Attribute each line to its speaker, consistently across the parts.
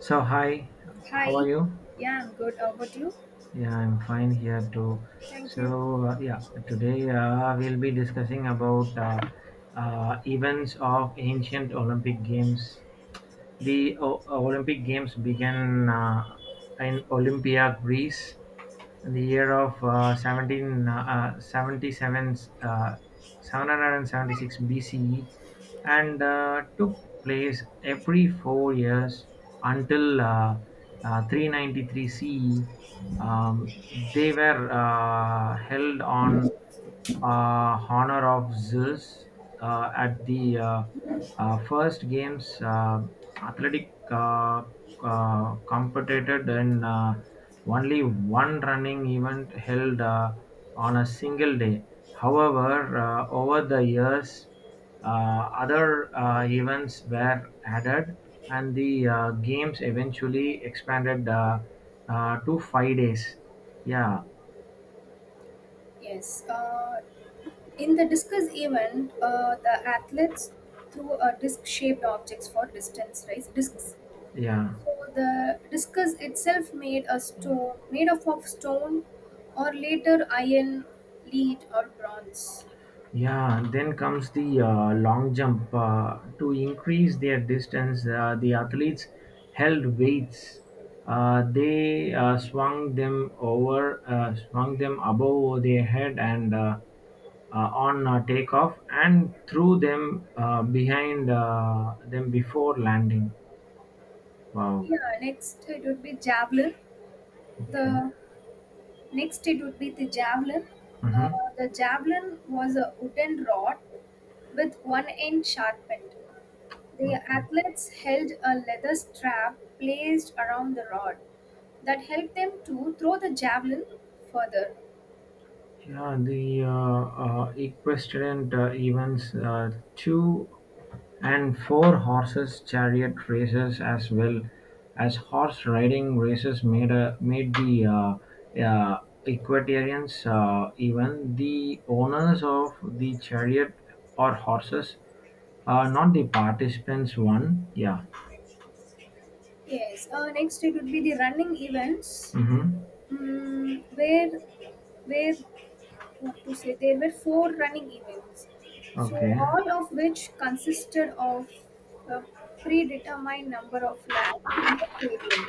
Speaker 1: So hi, how are
Speaker 2: Hi.
Speaker 1: you?
Speaker 2: Yeah, I'm good. How about you?
Speaker 1: Yeah, I'm fine here too.
Speaker 2: Thank you.
Speaker 1: So today we'll be discussing about events of ancient Olympic Games. The Olympic Games began in Olympia, Greece, the year of uh, 17, uh, 77, uh, 776 BCE, and took place every four years until 393 CE. They were held on honor of Zeus at the first games. Athletic competed in only one running event held on a single day. However, over the years, other events were added, and the games eventually expanded to five days. Yeah,
Speaker 2: Yes. In the discus event, the athletes threw a disc-shaped objects for distance race discs.
Speaker 1: yeah.
Speaker 2: So the discus itself made a stone made up of stone, or later iron, lead, or bronze.
Speaker 1: Yeah, then comes the long jump. To increase their distance, the athletes held weights. They swung them above their head and on takeoff, and threw them behind them before landing. Wow.
Speaker 2: Yeah. Next, it would be javelin.
Speaker 1: Okay.
Speaker 2: The next it would be the javelin. Uh,
Speaker 1: Uh-huh.
Speaker 2: the javelin was a wooden rod with one end sharpened. The
Speaker 1: Okay.
Speaker 2: athletes held a leather strap placed around the rod that helped them to throw the javelin further.
Speaker 1: Yeah, the equestrian events too. And four-horses chariot races as well as horse-riding races made the equestrians, even the owners of the chariot or horses, not the participants one. Yeah.
Speaker 2: Yes. Next, it would be the running events,
Speaker 1: Mhm.
Speaker 2: mm, where where what to say there were four running events, so
Speaker 1: Okay.
Speaker 2: all of which consisted of a predetermined number of laps in the stadium.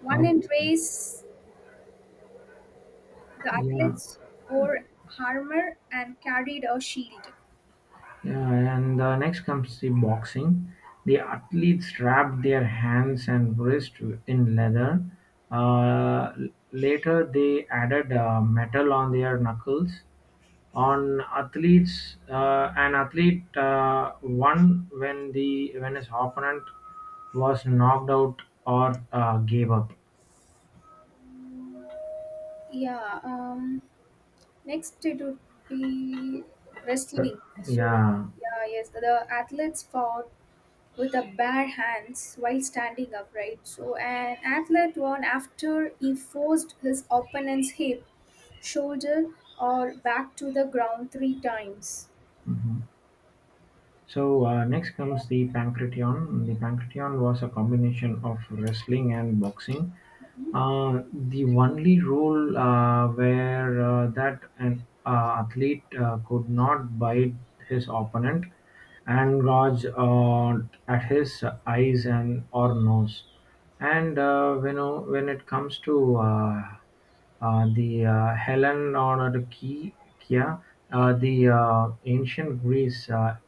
Speaker 2: One in
Speaker 1: Okay.
Speaker 2: race, the
Speaker 1: Yeah.
Speaker 2: athletes wore armor and carried a shield.
Speaker 1: Yeah, and next comes the boxing. The athletes wrap their hands and wrist in leather. Uh, Later, they added metal on their knuckles. On athletes, an athlete won when the when his opponent was knocked out or gave up.
Speaker 2: Yeah, next it would be wrestling. So,
Speaker 1: Yeah.
Speaker 2: yeah, yes, the athletes fought with the bare hands while standing upright. So, an athlete won after he forced his opponent's hip, shoulder, or back to the ground three times.
Speaker 1: Mm-hmm. So next comes the Pancration. The Pancration was a combination of wrestling and boxing. The only rule where that an athlete could not bite his opponent and gouge at his eyes and or nose. And when it comes to the Helen or the Kia, the ancient Greece. Uh,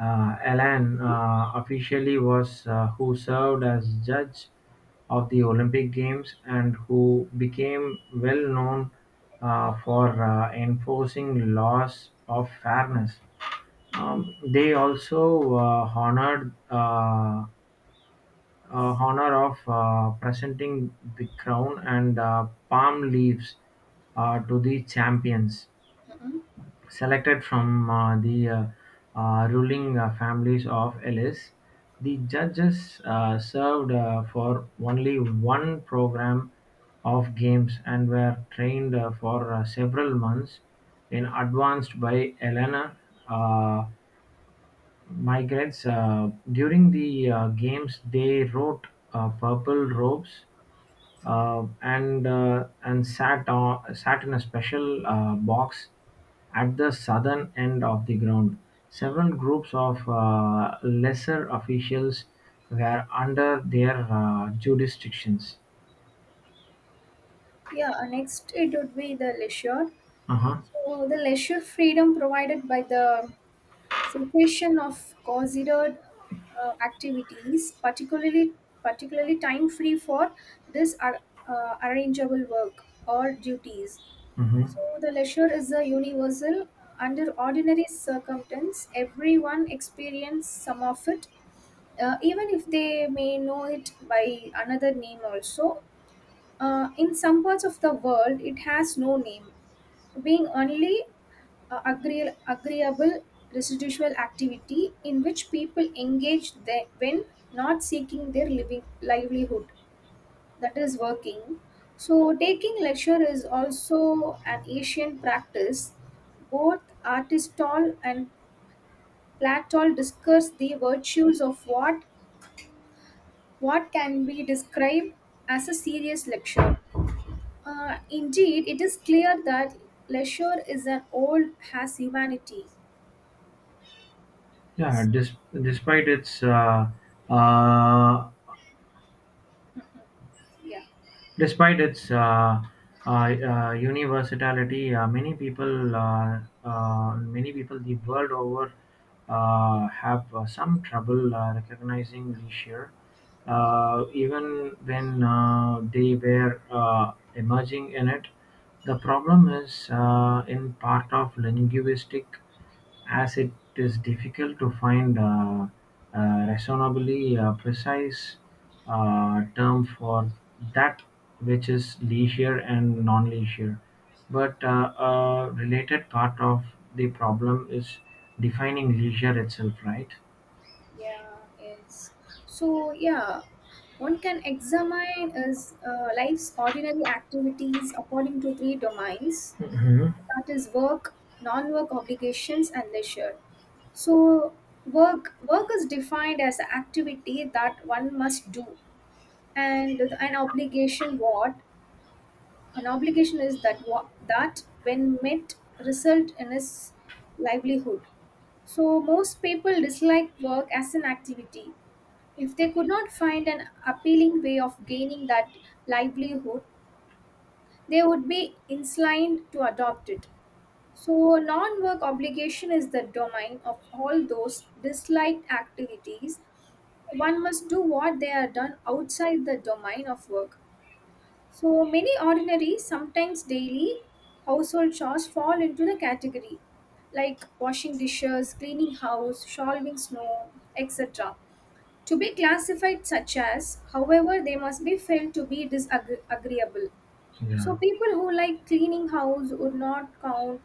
Speaker 1: uh, Alan officially was who served as judge of the Olympic Games and who became well known for enforcing laws of fairness. They also honored honor of presenting the crown and palm leaves to the champions.
Speaker 2: Mhm.
Speaker 1: Selected from the ruling families of Ellis, the judges served for only one program of games and were trained for several months in advance by Elena uh, migrants. During the games, they wrote purple robes and sat in a special box at the southern end of the ground. Several groups of lesser officials were under their jurisdictions.
Speaker 2: Yeah, next it would be the leisure.
Speaker 1: Uh huh.
Speaker 2: So, the leisure freedom provided by the cessation of considered activities, particularly time free for this ar- arrangeable work or duties.
Speaker 1: Mm-hmm.
Speaker 2: So the leisure is a universal. Under ordinary circumstance, everyone experience some of it, even if they may know it by another name also. In some parts of the world, it has no name, being only agreeable residual activity in which people engage when not seeking their living livelihood, that is, working. So taking leisure is also an ancient practice. Both Aristotle and Plato discuss the virtues of what can be described as a serious lecture. Indeed, it is clear that leisure is an old has humanity.
Speaker 1: Yeah. Dis- despite its uh,
Speaker 2: yeah
Speaker 1: Despite its universality, many people the world over have some trouble recognizing leisure, even when they were emerging in it. The problem is in part of linguistic, as it is difficult to find a reasonably precise term for that which is leisure and non-leisure, but a related part of the problem is defining leisure itself, right?
Speaker 2: yeah yes. So yeah, one can examine is life's ordinary activities according to three domains, that is, work, non-work obligations, and leisure. So work is defined as an activity that one must do, and an obligation, what an obligation is, that what, that when met result in his livelihood. So most people dislike work as an activity. If they could not find an appealing way of gaining that livelihood, they would be inclined to adopt it. So, non work obligation is the domain of all those disliked activities. One must do what they are done outside the domain of work. So, many ordinary, sometimes daily, household chores fall into the category, like washing dishes, cleaning house, shoveling snow, etc. To be classified such as, however, they must be felt to be disagreeable.
Speaker 1: Yeah.
Speaker 2: So people who like cleaning house would not count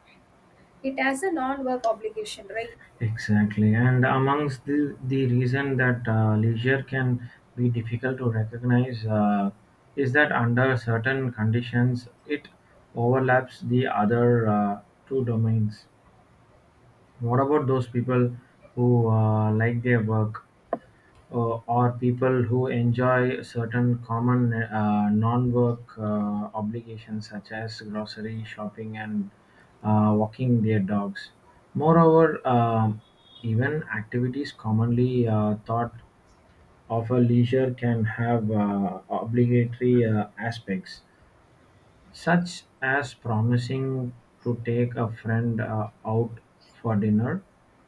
Speaker 2: it as a non-work obligation, right?
Speaker 1: Exactly, and amongst the reason that leisure can be difficult to recognize is that under certain conditions it overlaps the other two domains. What about those people who like their work, or people who enjoy certain common non-work obligations such as grocery shopping and walking their dogs? Moreover, even activities commonly thought of a leisure can have obligatory aspects such as promising to take a friend out for dinner.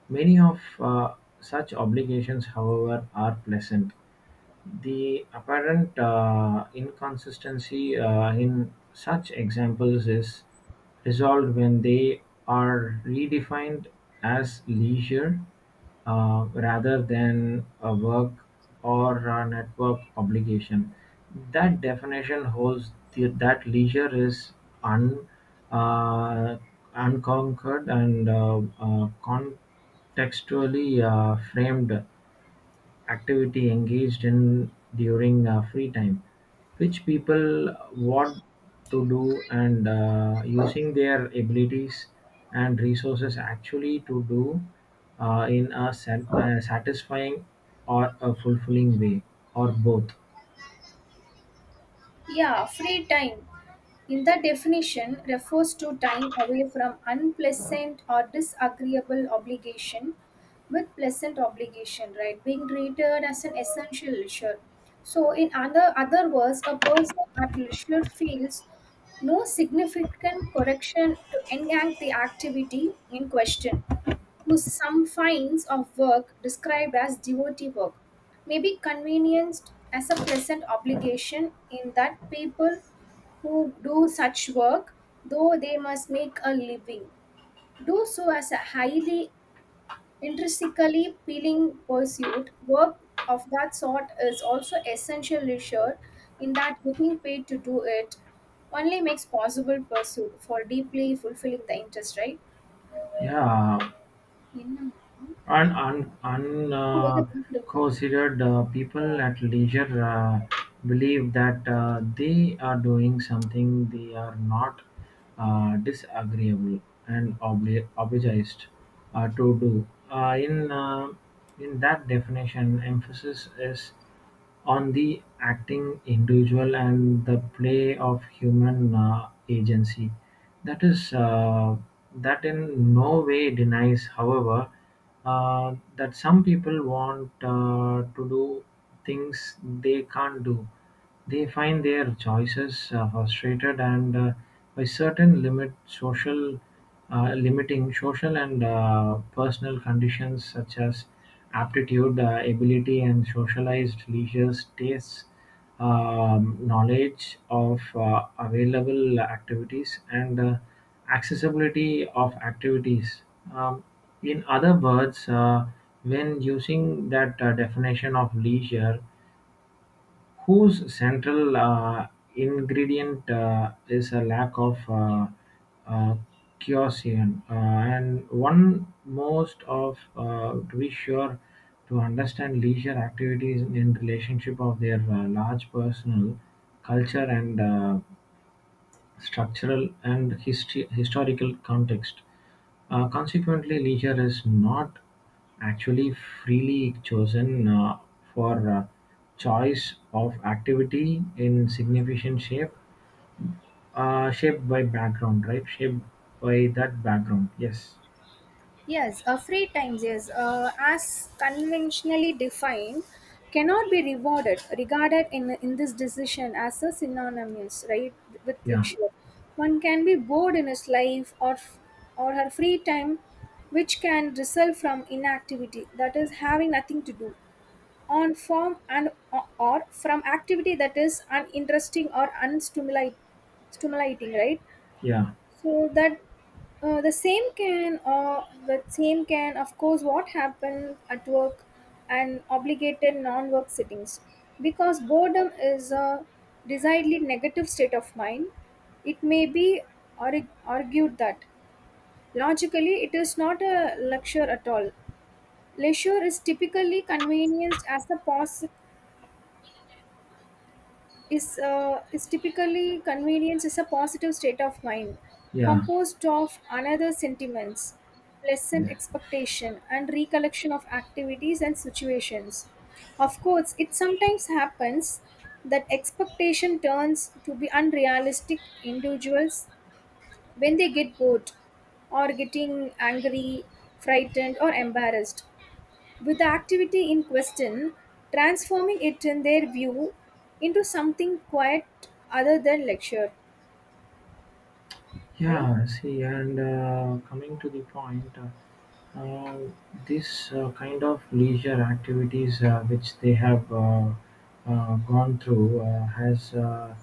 Speaker 1: Many of such obligations, however, are pleasant. The apparent inconsistency in such examples is resolved when they are redefined as leisure, rather than a work or a network obligation. That definition holds that leisure is un, uh, unconquered and contextually framed activity engaged in during free time which people want to do, and using their abilities and resources actually to do in a satisfying or a fulfilling way, or both.
Speaker 2: Yeah, free time. In the definition, refers to time away from unpleasant or disagreeable obligation with pleasant obligation, right? Being treated as an essential leisure. So, in other words, a person at leisure feels no significant correction to enact the activity in question, whose some finds of work described as devotee work may be convenienced as a pleasant obligation in that people who do such work, though they must make a living, do so as a highly intrinsically feeling pursuit. Work of that sort is also essential leisure in that getting paid to do it only makes possible pursuit for deeply fulfilling the interest, right?
Speaker 1: yeah
Speaker 2: என்ன?
Speaker 1: and un, un,
Speaker 2: Oh,
Speaker 1: uh,
Speaker 2: well, good, good, good.
Speaker 1: considered people at leisure believe that they are doing something they are not disagreeable and obliged to do. In in that definition, emphasis is on the acting individual and the play of human agency. That is, that in no way denies, however, that some people want to do things they can't do. They find their choices frustrated and, by certain limiting social and personal conditions such as aptitude, ability, and socialized leisure tastes, knowledge of available activities, and accessibility of activities. Um, in other words, when using that definition of leisure, whose central ingredient is a lack of uh, caution. And one most of to be sure to understand leisure activities in relationship of their large personal culture and structural and history historical context. Consequently, leisure is not actually freely chosen, for choice of activity in significant shaped by background, right? Shaped by that background. Yes.
Speaker 2: Yes, free time, yes, as conventionally defined, cannot be regarded in this decision as a synonymous, right, with
Speaker 1: Yeah.
Speaker 2: luxury. One can be bored in his life or her free time, which can result from inactivity, that is, having nothing to do, on form and or from activity that is stimulating, right?
Speaker 1: Yeah.
Speaker 2: So that the same can of course what happened at work and obligated non-work sittings, because boredom is a decidedly negative state of mind. It may be argued that logically it is not a lecture at all. Leisure is typically convenienced as a pause, is typically convenience is a positive state of mind
Speaker 1: Yeah.
Speaker 2: composed of another sentiments, pleasant
Speaker 1: Yes.
Speaker 2: expectation and recollection of activities and situations. Of course, it sometimes happens that expectation turns to be unrealistic individuals when they get bored, or getting angry, frightened, or embarrassed with the activity in question, transforming it in their view into something quite other than lecture, right?
Speaker 1: Yeah, see, and coming to the point, this kind of leisure activities which they have gone through has uh,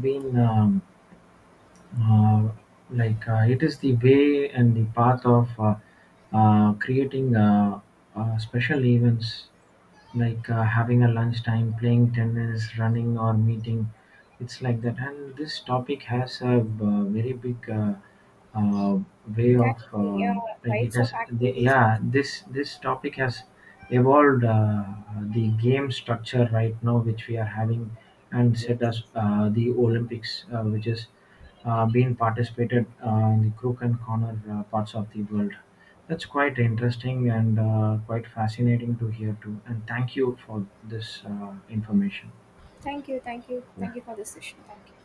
Speaker 1: been um, uh, like it is the way and the path of creating special events like having a lunchtime, playing tennis, running, or meeting. It's like that. And this topic has a very big uh, way of
Speaker 2: Category,
Speaker 1: like it
Speaker 2: types of
Speaker 1: has.
Speaker 2: activities
Speaker 1: Yeah,
Speaker 2: also.
Speaker 1: this topic has evolved the game structure right now, which we are having, and set
Speaker 2: Yes.
Speaker 1: us the Olympics, which is. Bean participated in the crook and corner parts of the world. That's quite interesting and quite fascinating to hear too. And thank you for this information.
Speaker 2: thank you thank you
Speaker 1: Yeah.
Speaker 2: thank you for this session. Thank you.